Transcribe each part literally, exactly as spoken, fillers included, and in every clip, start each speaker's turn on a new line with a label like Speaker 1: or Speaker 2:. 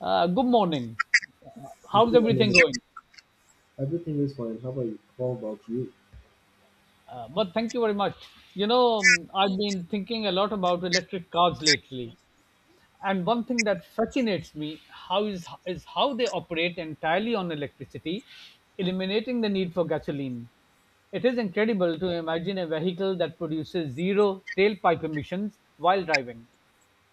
Speaker 1: Uh, good morning. Uh, How's
Speaker 2: Good morning.
Speaker 1: everything going?
Speaker 2: Everything is fine. How are you? How about you?
Speaker 1: Uh, but thank you very much. You know, um, I've been thinking a lot about electric cars lately. And one thing that fascinates me how is is how they operate entirely on electricity, eliminating the need for gasoline. It is incredible to imagine a vehicle that produces zero tailpipe emissions while driving,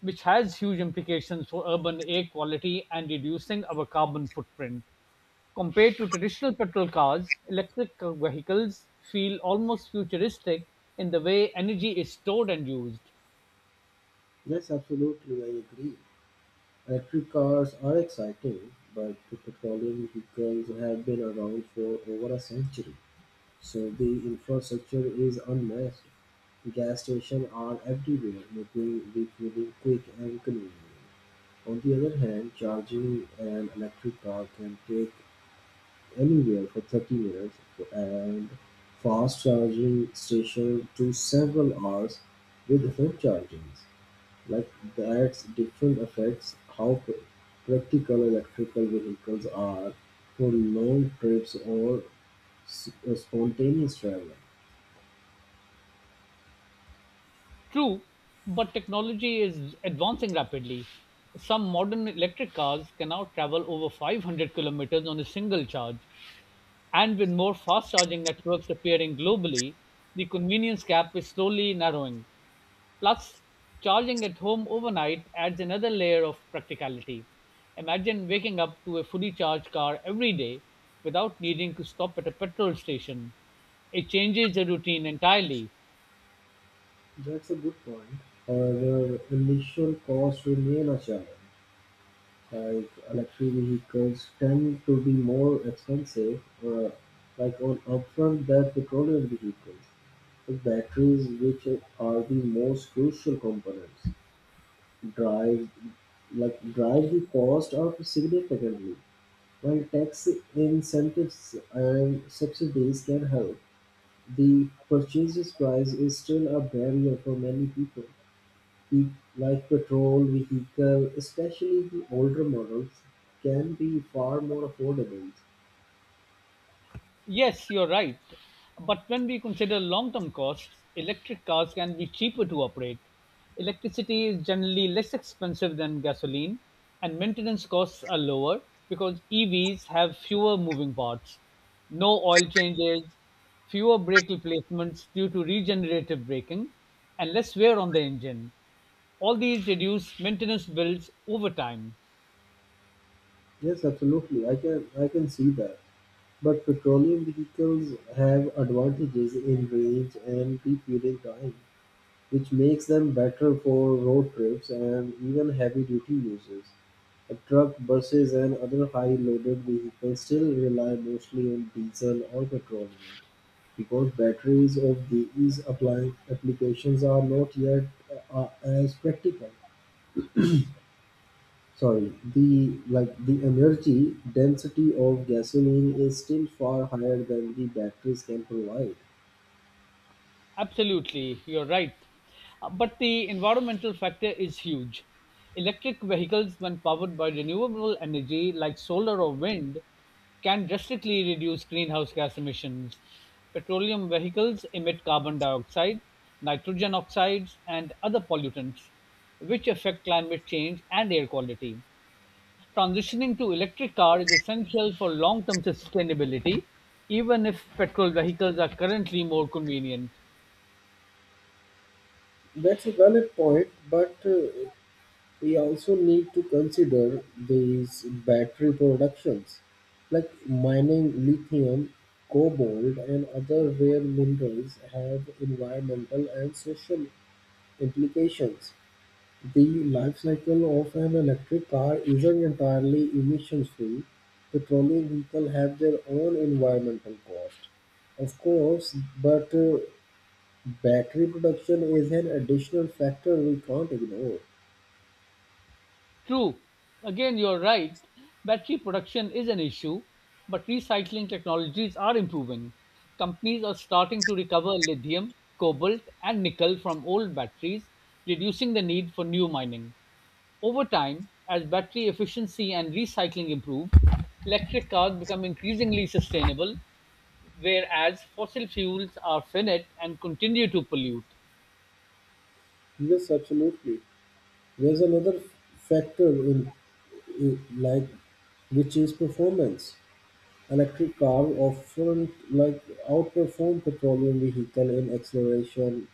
Speaker 1: which has huge implications for urban air quality and reducing our carbon footprint. Compared to traditional petrol cars, electric vehicles feel almost futuristic in the way energy is stored and used.
Speaker 2: Yes, absolutely. I agree. Electric cars are exciting, but the petroleum vehicles have been around for over a century, so the infrastructure is unmatched. Gas stations are everywhere, making refueling quick and convenient. On the other hand, charging an electric car can take anywhere for thirty minutes and fast charging station to several hours with home charging. Like that's different affects how practical electrical vehicles are for long trips or uh, spontaneous travel.
Speaker 1: True, but technology is advancing rapidly. Some modern electric cars can now travel over five hundred kilometers on a single charge, and with more fast charging networks appearing globally, the convenience gap is slowly narrowing. Plus, charging at home overnight adds another layer of practicality. Imagine waking up to a fully charged car every day without needing to stop at a petrol station. It changes the routine entirely.
Speaker 2: That's a good point. However, initial costs remain a challenge. Like electric vehicles tend to be more expensive uh, like on upfront than petroleum vehicles. The batteries, which are the most crucial components, drive like drive the cost up significantly. While tax incentives and subsidies can help, the purchase price is still a barrier for many people. E- like Patrol vehicle, especially the older models, can be far more affordable.
Speaker 1: Yes, you're right. But when we consider long term costs, electric cars can be cheaper to operate. Electricity is generally less expensive than gasoline, and maintenance costs are lower because E Vs have fewer moving parts, no oil changes, fewer brake replacements due to regenerative braking, and less wear on the engine. All these reduce maintenance bills over time.
Speaker 2: Yes, absolutely. I can I can see that. But petroleum vehicles have advantages in range and refueling time, which makes them better for road trips and even heavy duty uses. A truck, buses, and other high loaded vehicles still rely mostly on diesel or petroleum. Because batteries of these apply applications are not yet uh, uh, as practical. Sorry, the like the energy density of gasoline is still far higher than the batteries can provide.
Speaker 1: Absolutely, you're right. Uh, But the environmental factor is huge. Electric vehicles, when powered by renewable energy like solar or wind, can drastically reduce greenhouse gas emissions. Petroleum vehicles emit carbon dioxide, nitrogen oxides, and other pollutants, which affect climate change and air quality. Transitioning to electric car is essential for long-term sustainability, even if petrol vehicles are currently more convenient.
Speaker 2: That's a valid point, but uh, we also need to consider these battery productions like mining lithium, cobalt, and other rare minerals have environmental and social implications. The life cycle of an electric car isn't entirely emissions-free. Petroleum vehicles have their own environmental cost, of course, but uh, battery production is an additional factor we can't ignore.
Speaker 1: True. Again, you're right. Battery production is an issue, but recycling technologies are improving. Companies are starting to recover lithium, cobalt, and nickel from old batteries, reducing the need for new mining. Over time, as battery efficiency and recycling improve, electric cars become increasingly sustainable, whereas fossil fuels are finite and continue to pollute.
Speaker 2: Yes, absolutely. There's another factor in, in like which is performance. Electric car often like outperform petroleum vehicle in acceleration,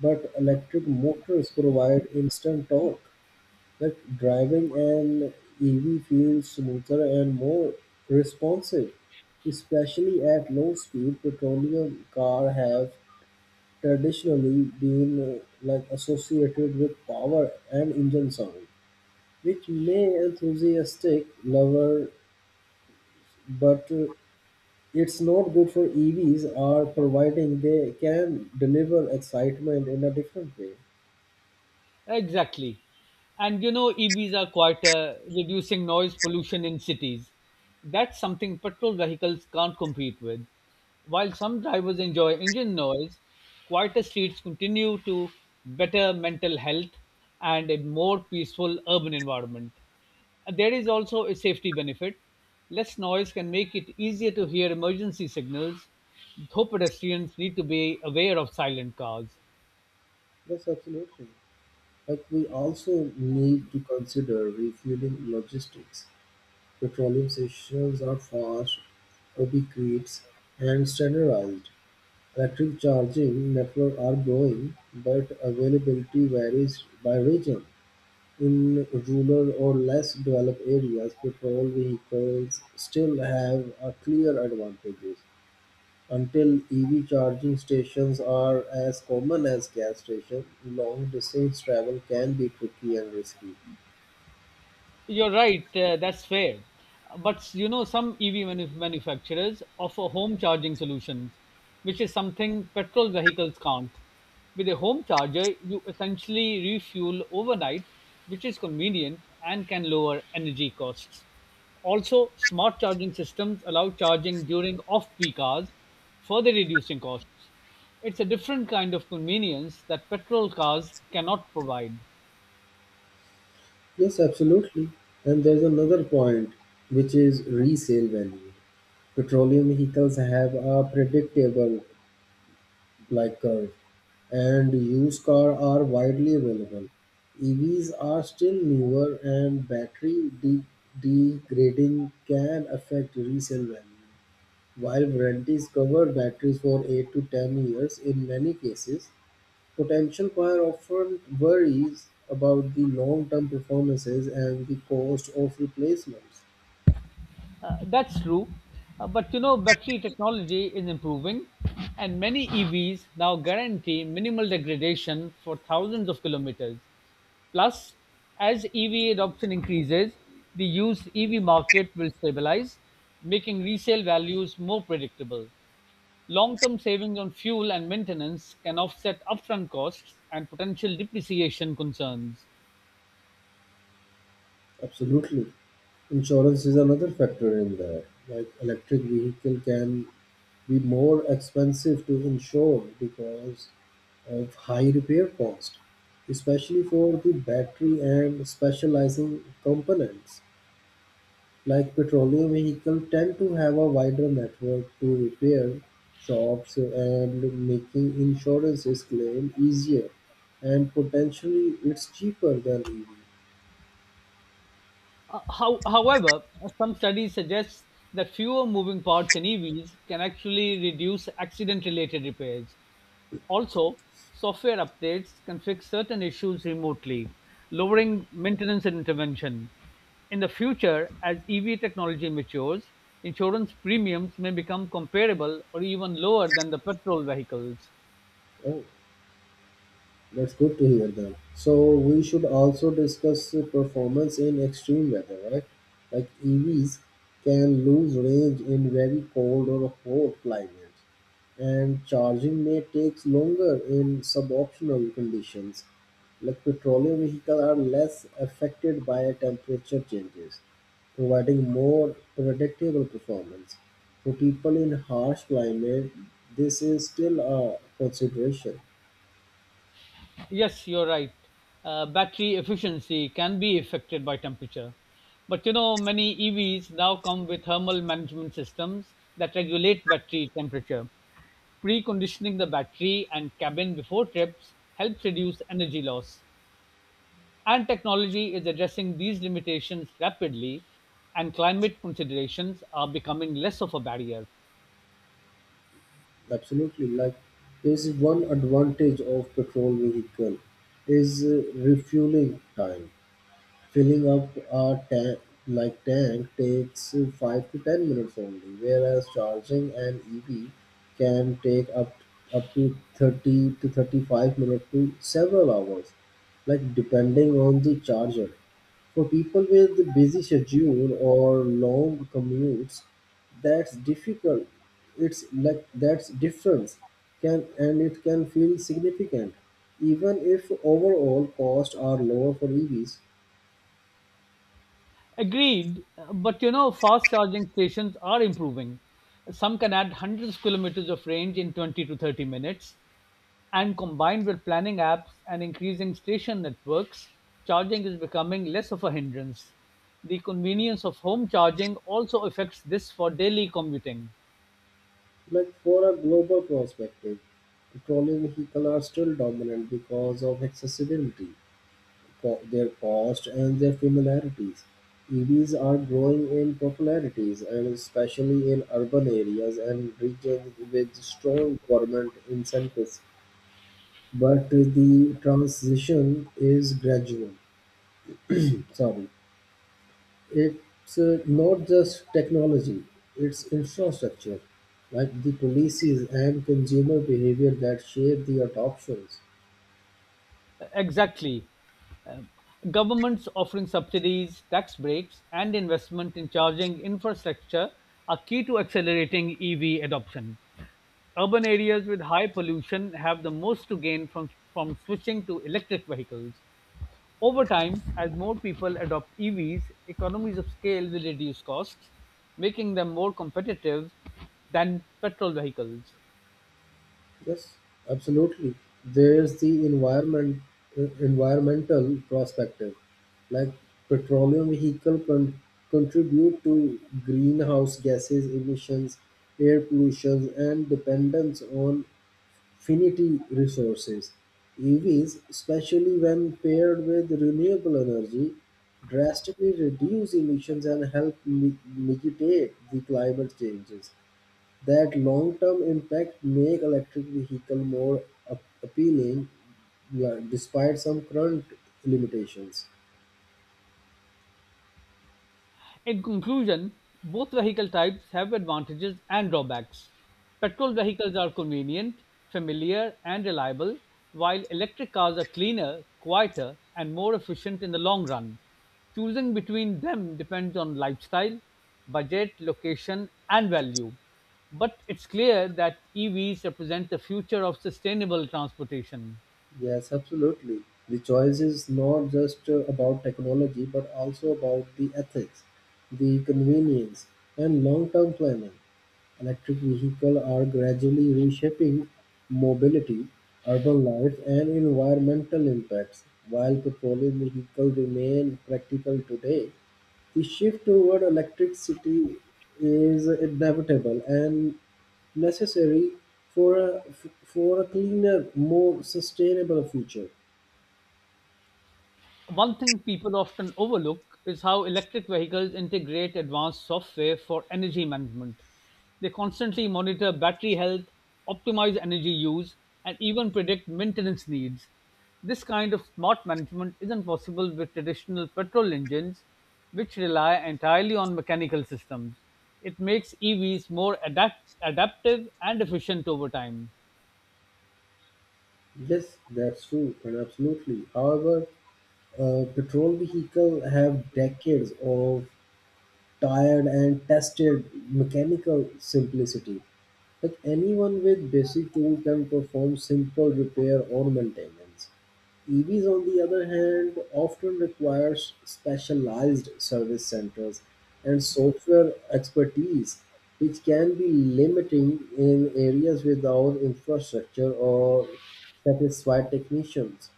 Speaker 2: but electric motors provide instant torque. Like driving an E V feels smoother and more responsive, especially at low speed. Petroleum car have traditionally been uh, like associated with power and engine sound, which may enthusiastic lover but uh, it's not good for E Vs are providing they can deliver excitement in a different way.
Speaker 1: Exactly. And you know, E Vs are quieter, reducing noise pollution in cities. That's something petrol vehicles can't compete with. While some drivers enjoy engine noise, quieter streets continue to better mental health and a more peaceful urban environment. There is also a safety benefit. Less noise can make it easier to hear emergency signals, though pedestrians need to be aware of silent cars.
Speaker 2: Yes, absolutely. Like we also need to consider refueling logistics. Petroleum stations are fast, ubiquitous, and standardized. Electric charging networks are growing, but availability varies by region. In rural or less developed areas, petrol vehicles still have a clear advantages. Until E V charging stations are as common as gas stations, long distance travel can be tricky and risky.
Speaker 1: You're right, uh, that's fair. But you know, some E V manu- manufacturers offer home charging solutions, which is something petrol vehicles can't. With a home charger, you essentially refuel overnight, which is convenient and can lower energy costs. Also, smart charging systems allow charging during off peak hours, further reducing costs. It's a different kind of convenience that petrol cars cannot provide.
Speaker 2: Yes, absolutely. And there's another point, which is resale value. Petroleum vehicles have a predictable like curve, and used cars are widely available. E Vs are still newer, and battery de- degrading can affect resale value. While warranties cover batteries for eight to ten years in many cases, potential buyers often worries about the long-term performances and the cost of replacements.
Speaker 1: Uh, that's true. Uh, but you know, battery technology is improving, and many E Vs now guarantee minimal degradation for thousands of kilometers. Plus, as E V adoption increases, the used E V market will stabilize, making resale values more predictable. Long term savings on fuel and maintenance can offset upfront costs and potential depreciation concerns.
Speaker 2: Absolutely. Insurance is another factor in there. Like electric vehicle can be more expensive to insure because of high repair cost, especially for the battery and specializing components. Like petroleum vehicles tend to have a wider network to repair shops and making insurance claims easier and potentially it's cheaper than E V.
Speaker 1: Uh, How, however, some studies suggest that fewer moving parts in E Vs can actually reduce accident related repairs. Also, software updates can fix certain issues remotely, lowering maintenance and intervention. In the future, as E V technology matures, insurance premiums may become comparable or even lower than the petrol vehicles.
Speaker 2: Oh. That's good to hear them. So we should also discuss the performance in extreme weather, right? Like E Vs can lose range in very cold or hot climates, and charging may take longer in suboptimal conditions. Like petroleum vehicles are less affected by temperature changes, providing more predictable performance. For people in harsh climate, this is still a consideration.
Speaker 1: Yes, you're right. Uh, battery efficiency can be affected by temperature. But you know, many E Vs now come with thermal management systems that regulate battery temperature. Preconditioning the battery and cabin before trips helps reduce energy loss. And technology is addressing these limitations rapidly, and climate considerations are becoming less of a barrier.
Speaker 2: Absolutely, like there's one advantage of petrol vehicle is uh, refueling time. Filling up a tank like tank takes five to ten minutes only, whereas charging an E V can take up up to thirty to thirty-five minutes to several hours, like depending on the charger. For people with busy schedule or long commutes, that's difficult. It's like that's difference can and it can feel significant, even if overall costs are lower for E Vs.
Speaker 1: Agreed, but you know, fast charging stations are improving. Some can add hundreds of kilometers of range in twenty to thirty minutes, and combined with planning apps and increasing station networks, charging is becoming less of a hindrance. The convenience of home charging also affects this for daily commuting.
Speaker 2: Like for a global perspective, petroleum vehicles are still dominant because of accessibility, co- their cost, and their familiarities. E Vs are growing in popularities, and especially in urban areas and regions with strong government incentives. But the transition is gradual. Sorry. It's uh, not just technology, it's infrastructure, like the policies and consumer behavior that shape the adoptions.
Speaker 1: Exactly. Um, Governments offering subsidies, tax breaks, and investment in charging infrastructure are key to accelerating E V adoption. Urban areas with high pollution have the most to gain from, from switching to electric vehicles. Over time, as more people adopt E Vs, economies of scale will reduce costs, making them more competitive than petrol vehicles.
Speaker 2: Yes, absolutely. There's the environment, uh, environmental perspective, like petroleum vehicle con- contribute to greenhouse gases emissions, air pollution, and dependence on finite resources. E Vs, especially when paired with renewable energy, drastically reduce emissions and help mi- mitigate the climate changes. That long-term impact make electric vehicle more ap- appealing, yeah, despite some current limitations.
Speaker 1: In conclusion, both vehicle types have advantages and drawbacks. Petrol vehicles are convenient, familiar, and reliable, while electric cars are cleaner, quieter, and more efficient in the long run. Choosing between them depends on lifestyle, budget, location, and value. But it's clear that E Vs represent the future of sustainable transportation.
Speaker 2: Yes, absolutely. The choice is not just uh, about technology but also about the ethics, the convenience, and long term planning. Electric vehicles are gradually reshaping mobility, urban life, and environmental impacts. While petroleum vehicles remain practical today, the shift toward electricity is inevitable and necessary for a, for a cleaner, more sustainable future.
Speaker 1: One thing people often overlook is how electric vehicles integrate advanced software for energy management. They constantly monitor battery health, optimize energy use, and even predict maintenance needs. This kind of smart management isn't possible with traditional petrol engines, which rely entirely on mechanical systems. It makes E Vs more adapt- adaptive and efficient over time.
Speaker 2: Yes, that's true, and absolutely. However, uh, petrol vehicles have decades of tired and tested mechanical simplicity. Like anyone with basic tools can perform simple repair or maintenance. E Vs, on the other hand, often requires specialized service centers and software expertise, which can be limiting in areas without infrastructure or satisfied technicians.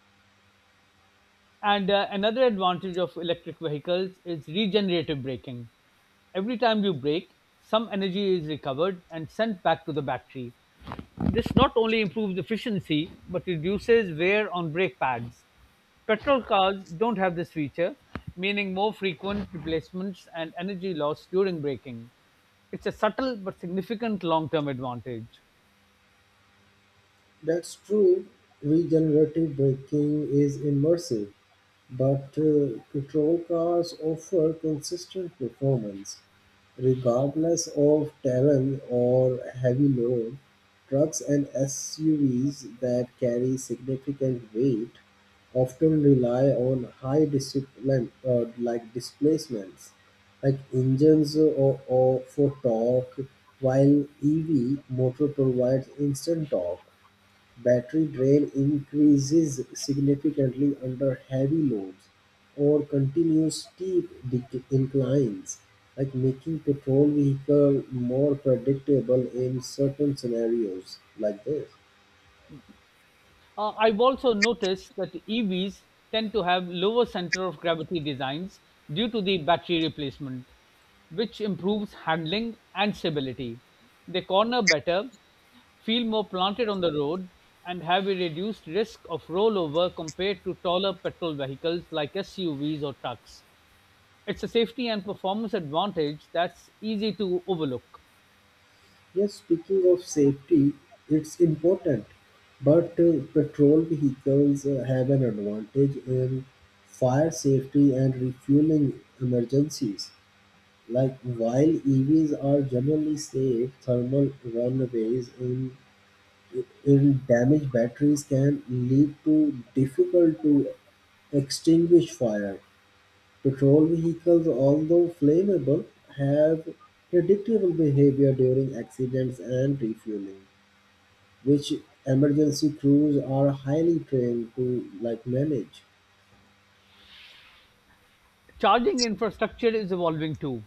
Speaker 1: And uh, another advantage of electric vehicles is regenerative braking. Every time you brake, some energy is recovered and sent back to the battery. This not only improves efficiency but reduces wear on brake pads. Petrol cars don't have this feature, meaning more frequent replacements and energy loss during braking. It's a subtle but significant long term advantage.
Speaker 2: That's true. Regenerative braking is immersive. But uh, patrol cars offer consistent performance regardless of terrain or heavy load. Trucks and S U Vs that carry significant weight often rely on high discipline uh, like displacements like engines or, or for torque, while E V motor provides instant torque. Battery drain increases significantly under heavy loads or continuous steep dec- inclines, like making patrol vehicle more predictable in certain scenarios like this.
Speaker 1: Uh, I've also noticed that E Vs tend to have lower center of gravity designs due to the battery replacement, which improves handling and stability. They corner better, feel more planted on the road, and have a reduced risk of rollover compared to taller petrol vehicles like S U Vs or trucks. It's a safety and performance advantage that's easy to overlook.
Speaker 2: Yes, speaking of safety, it's important, but uh, patrol vehicles uh, have an advantage in fire safety and refueling emergencies. Like while E Vs are generally safe, thermal runaways in in damaged batteries can lead to difficult to extinguish fire. Petrol vehicles, although flammable, have predictable behavior during accidents and refueling, which emergency crews are highly trained to like manage.
Speaker 1: Charging infrastructure is evolving too.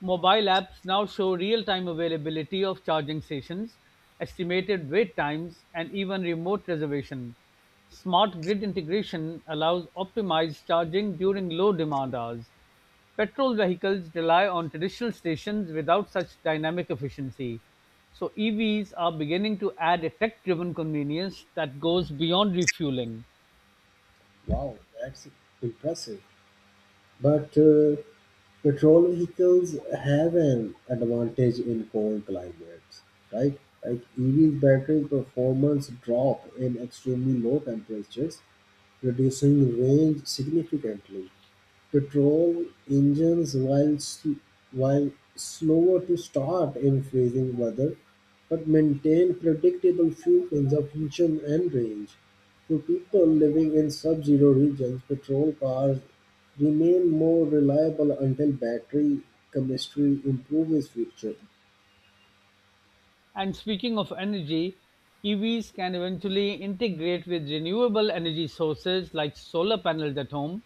Speaker 1: Mobile apps now show real-time availability of charging stations, estimated wait times, and even remote reservation. Smart grid integration allows optimized charging during low demand hours. Petrol vehicles rely on traditional stations without such dynamic efficiency. So E Vs are beginning to add a tech-driven convenience that goes beyond refueling.
Speaker 2: Wow, that's impressive. But uh, petrol vehicles have an advantage in cold climates, right? Like E V's battery performance drop in extremely low temperatures, reducing range significantly. Petrol engines, while sl- while slower to start in freezing weather, but maintain predictable fuel consumption and range. For people living in sub-zero regions, petrol cars remain more reliable until battery chemistry improves future.
Speaker 1: And speaking of energy, E Vs can eventually integrate with renewable energy sources like solar panels at home.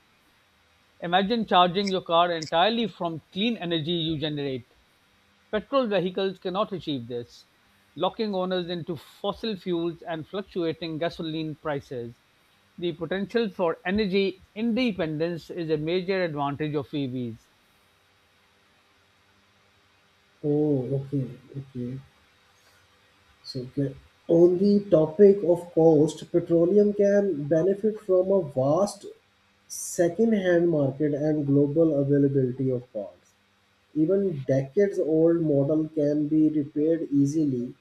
Speaker 1: Imagine charging your car entirely from clean energy you generate. Petrol vehicles cannot achieve this, locking owners into fossil fuels and fluctuating gasoline prices. The potential for energy independence is a major advantage of E Vs.
Speaker 2: Oh, okay, okay. So, ca- on the topic of cost, petroleum can benefit from a vast second-hand market and global availability of parts. Even decades-old model can be repaired easily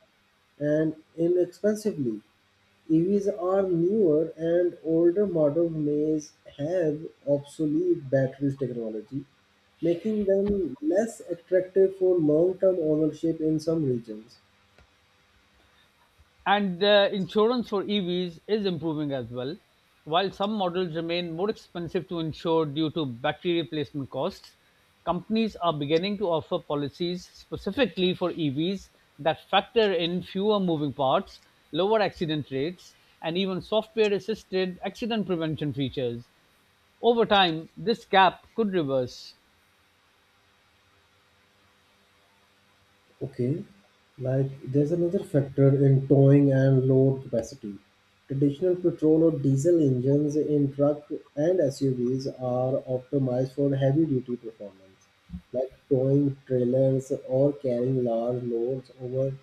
Speaker 2: and inexpensively. E Vs are newer and older models may have obsolete batteries technology, making them less attractive for long-term ownership in some regions.
Speaker 1: And the insurance for E Vs is improving as well. While some models remain more expensive to insure due to battery replacement costs, companies are beginning to offer policies specifically for E Vs that factor in fewer moving parts, lower accident rates, and even software assisted accident prevention features. Over time, this gap could reverse.
Speaker 2: Okay, like there's another factor in towing and load capacity. Traditional petrol or diesel engines in truck and S U Vs are optimized for heavy duty performance like towing trailers or carrying large loads over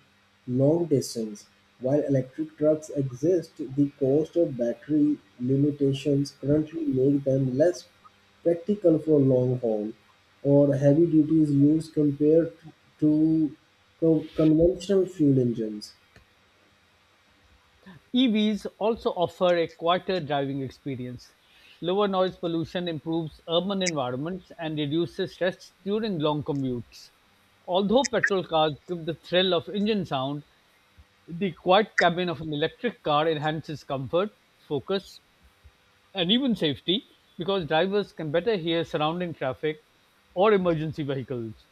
Speaker 2: long distance. While electric trucks exist, the cost of battery limitations currently make them less practical for long haul or heavy duties use compared to co- conventional fuel engines.
Speaker 1: E Vs also offer a quieter driving experience. Lower noise pollution improves urban environments and reduces stress during long commutes. Although petrol cars give the thrill of engine sound, the quiet cabin of an electric car enhances comfort, focus, and even safety because drivers can better hear surrounding traffic or emergency vehicles.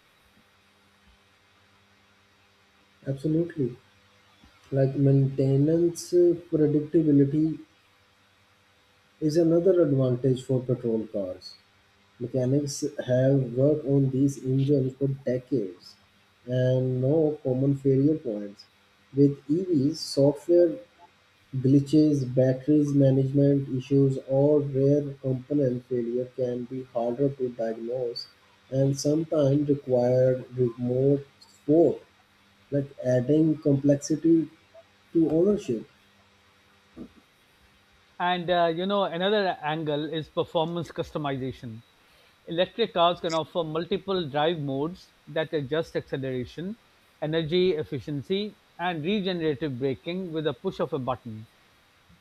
Speaker 2: Absolutely. Like maintenance uh, predictability is another advantage for petrol cars. Mechanics have worked on these engines for decades and no common failure points. With E Vs, software glitches, batteries management issues, or rare component failure can be harder to diagnose and sometimes require remote support, like adding complexity to ownership.
Speaker 1: And uh, you know, another angle is performance customization. Electric cars can offer multiple drive modes that adjust acceleration, energy efficiency, and regenerative braking with a push of a button.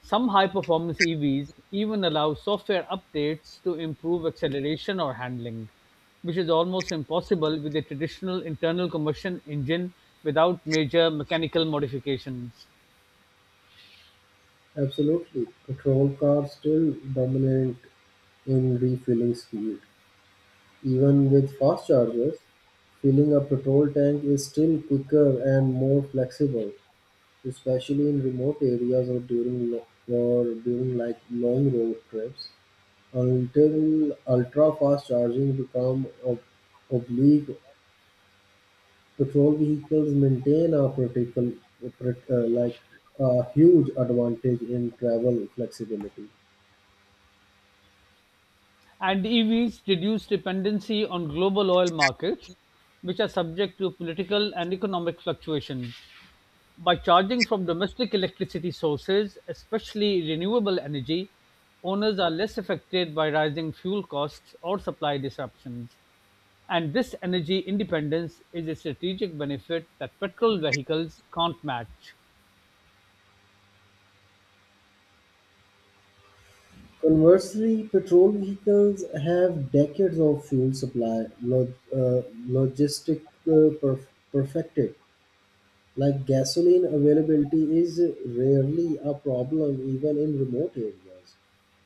Speaker 1: Some high performance E Vs even allow software updates to improve acceleration or handling, which is almost impossible with a traditional internal combustion engine without major mechanical modifications.
Speaker 2: Absolutely. Petrol cars still dominate in refueling speed. Even with fast chargers, filling a petrol tank is still quicker and more flexible, especially in remote areas or during lo- or during like long road trips. Until ultra fast charging become ob- oblique, petrol vehicles maintain a critical, uh, like a huge advantage in travel flexibility.
Speaker 1: And E Vs reduce dependency on global oil markets, which are subject to political and economic fluctuation. By charging from domestic electricity sources, especially renewable energy, owners are less affected by rising fuel costs or supply disruptions. And this energy independence is a strategic benefit that petrol vehicles can't match.
Speaker 2: Conversely, patrol vehicles have decades of fuel supply log, uh, logistic uh, perf- perfected. Like gasoline availability is rarely a problem even in remote areas,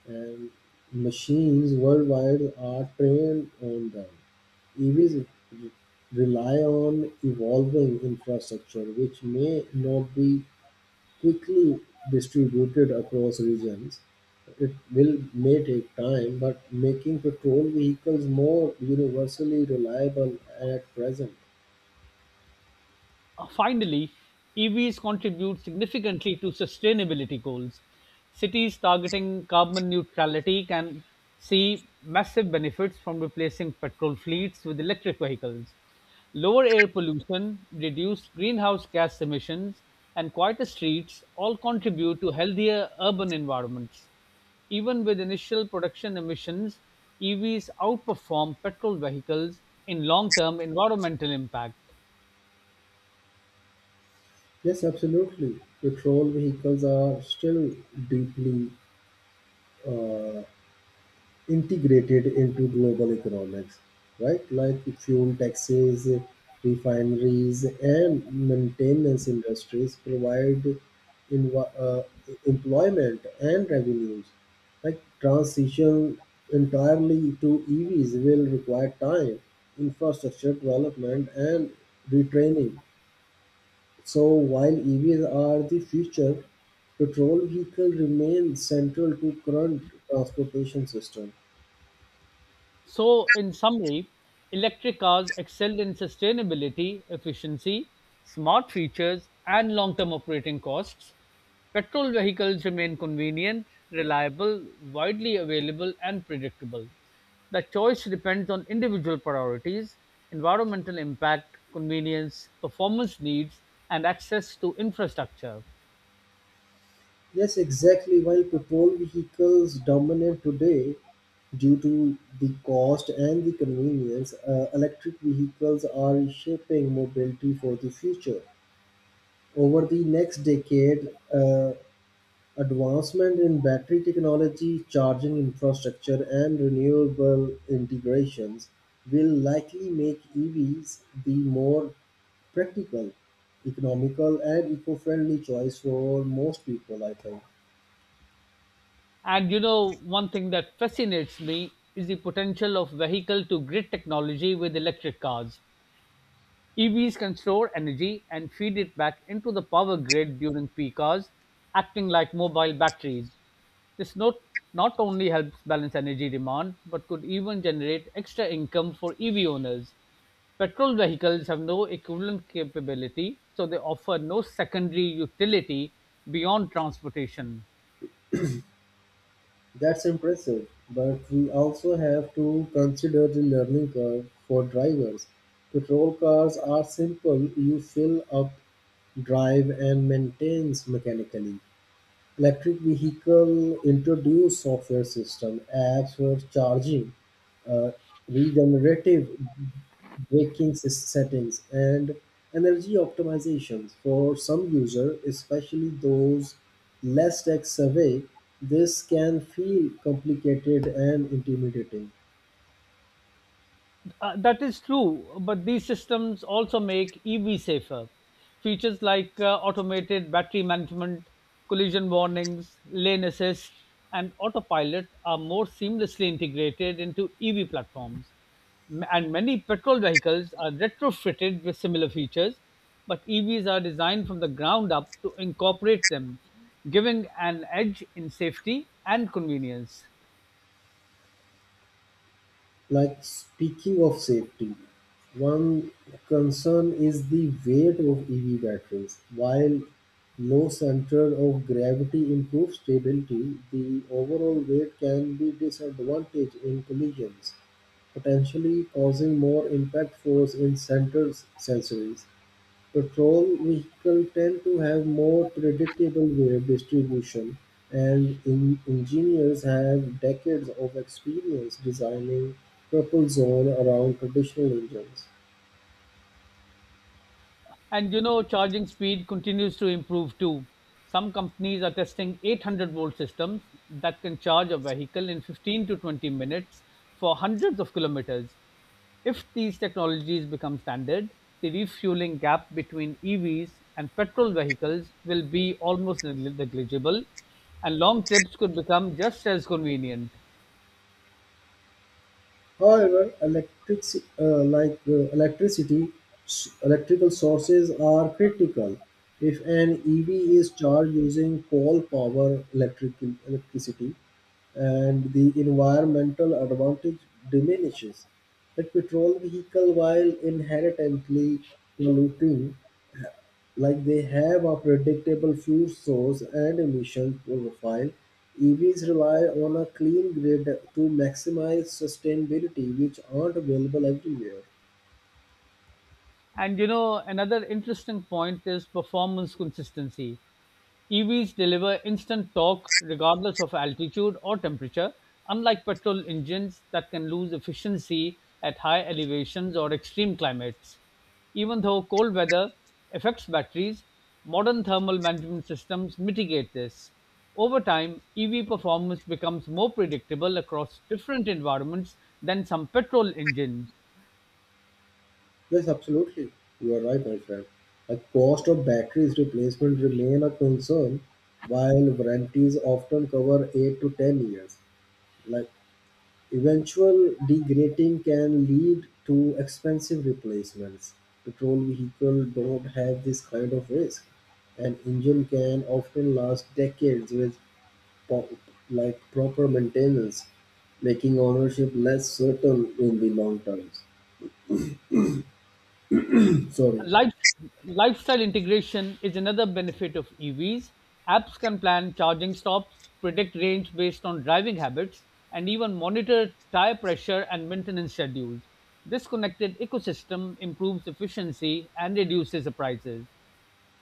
Speaker 2: and machines worldwide are trained on them. E Vs re- rely on evolving infrastructure, which may not be quickly distributed across regions. It will may take time, but making patrol vehicles more universally reliable at present.
Speaker 1: Uh, Finally, E Vs contribute significantly to sustainability goals. Cities targeting carbon neutrality can see massive benefits from replacing petrol fleets with electric vehicles. Lower air pollution, reduced greenhouse gas emissions, and quieter streets all contribute to healthier urban environments. Even with initial production emissions, E Vs outperform petrol vehicles in long term environmental impact.
Speaker 2: Yes, absolutely. Patrol vehicles are still deeply uh, integrated into global economics, right? Like fuel taxes, refineries, and maintenance industries provide inv- uh, employment and revenues. Like transition entirely to E Vs will require time, infrastructure development, and retraining. So while E Vs are the future, petrol vehicle remain central to current transportation system.
Speaker 1: So, in summary, electric cars excelled in sustainability, efficiency, smart features, and long term operating costs. Petrol vehicles remain convenient, reliable, widely available, and predictable. The choice depends on individual priorities, environmental impact, convenience, performance needs, and access to infrastructure.
Speaker 2: Yes, exactly. While petrol vehicles dominate today due to the cost and the convenience, uh, electric vehicles are reshaping mobility for the future. Over the next decade, uh, advancement in battery technology, charging infrastructure, and renewable integrations will likely make E Vs the more practical, economical, and eco friendly choice for most people, I think.
Speaker 1: And you know, one thing that fascinates me is the potential of vehicle to grid technology with electric cars. E Vs can store energy and feed it back into the power grid during peak hours, acting like mobile batteries. This not, not only helps balance energy demand, but could even generate extra income for E V owners. Petrol vehicles have no equivalent capability, so they offer no secondary utility beyond transportation.
Speaker 2: That's impressive, but we also have to consider the learning curve for drivers. Petrol cars are simple, you fill up, drive, and maintains mechanically. Electric vehicle introduce software system, apps for charging, uh, regenerative braking sys- settings and energy optimizations. For some users, especially those less tech savvy, this can feel complicated and intimidating.
Speaker 1: Uh, that is true, but these systems also make E V safer. Features like uh, automated battery management, collision warnings, lane assist, and autopilot are more seamlessly integrated into E V platforms. M- And many petrol vehicles are retrofitted with similar features, but E Vs are designed from the ground up to incorporate them, giving an edge in safety and convenience.
Speaker 2: Like speaking of safety, one concern is the weight of EV batteries. While low center of gravity improves stability, the overall weight can be disadvantage in collisions, potentially causing more impact force in centered sensories. Patrol vehicles tend to have more predictable weight distribution, and in- engineers have decades of experience designing purple zone around traditional engines.
Speaker 1: And you know, charging speed continues to improve too. Some companies are testing eight hundred volt systems that can charge a vehicle in fifteen to twenty minutes for hundreds of kilometers. If these technologies become standard, the refueling gap between E Vs and petrol vehicles will be almost negli- negligible, and long trips could become just as convenient.
Speaker 2: However, electric, uh, like uh, electricity, s- electrical sources are critical. If an E V is charged using coal power electric electricity, and the environmental advantage diminishes. The petrol vehicle, while inherently polluting, like they have a predictable fuel source and emission profile. EVs rely on a clean grid to maximize sustainability, which aren't available everywhere.
Speaker 1: And you know, another interesting point is performance consistency. E Vs deliver instant torque regardless of altitude or temperature, unlike petrol engines that can lose efficiency at high elevations or extreme climates. Even though cold weather affects batteries, modern thermal management systems mitigate this. Over time, E V performance becomes more predictable across different environments than some petrol engines.
Speaker 2: Yes, absolutely. You are right, my friend. The cost of batteries replacement remain a concern. While warranties often cover eight to ten years, like eventual degrading can lead to expensive replacements. Petrol vehicles don't have this kind of risk. An engine can often last decades with po- like proper maintenance, making ownership less certain in the long terms. Sorry.
Speaker 1: Life, Lifestyle integration is another benefit of E Vs. Apps can plan charging stops, predict range based on driving habits, and even monitor tire pressure and maintenance schedules. This connected ecosystem improves efficiency and reduces the prices.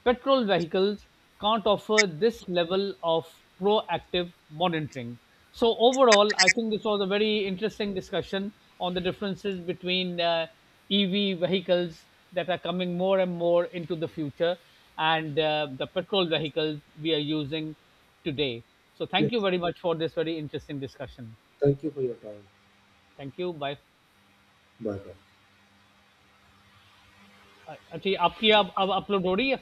Speaker 1: Petrol vehicles can't offer this level of proactive monitoring. So, overall, I think this was a very interesting discussion on the differences between uh, E V vehicles that are coming more and more into the future and uh, the petrol vehicles we are using today. So, thank
Speaker 2: Yes.
Speaker 1: you very much for this very interesting discussion.
Speaker 2: Thank you for your time.
Speaker 1: Thank you. Bye.
Speaker 2: Bye bye.
Speaker 1: Uh, अच्छा, आपकी अब अब upload हो रही है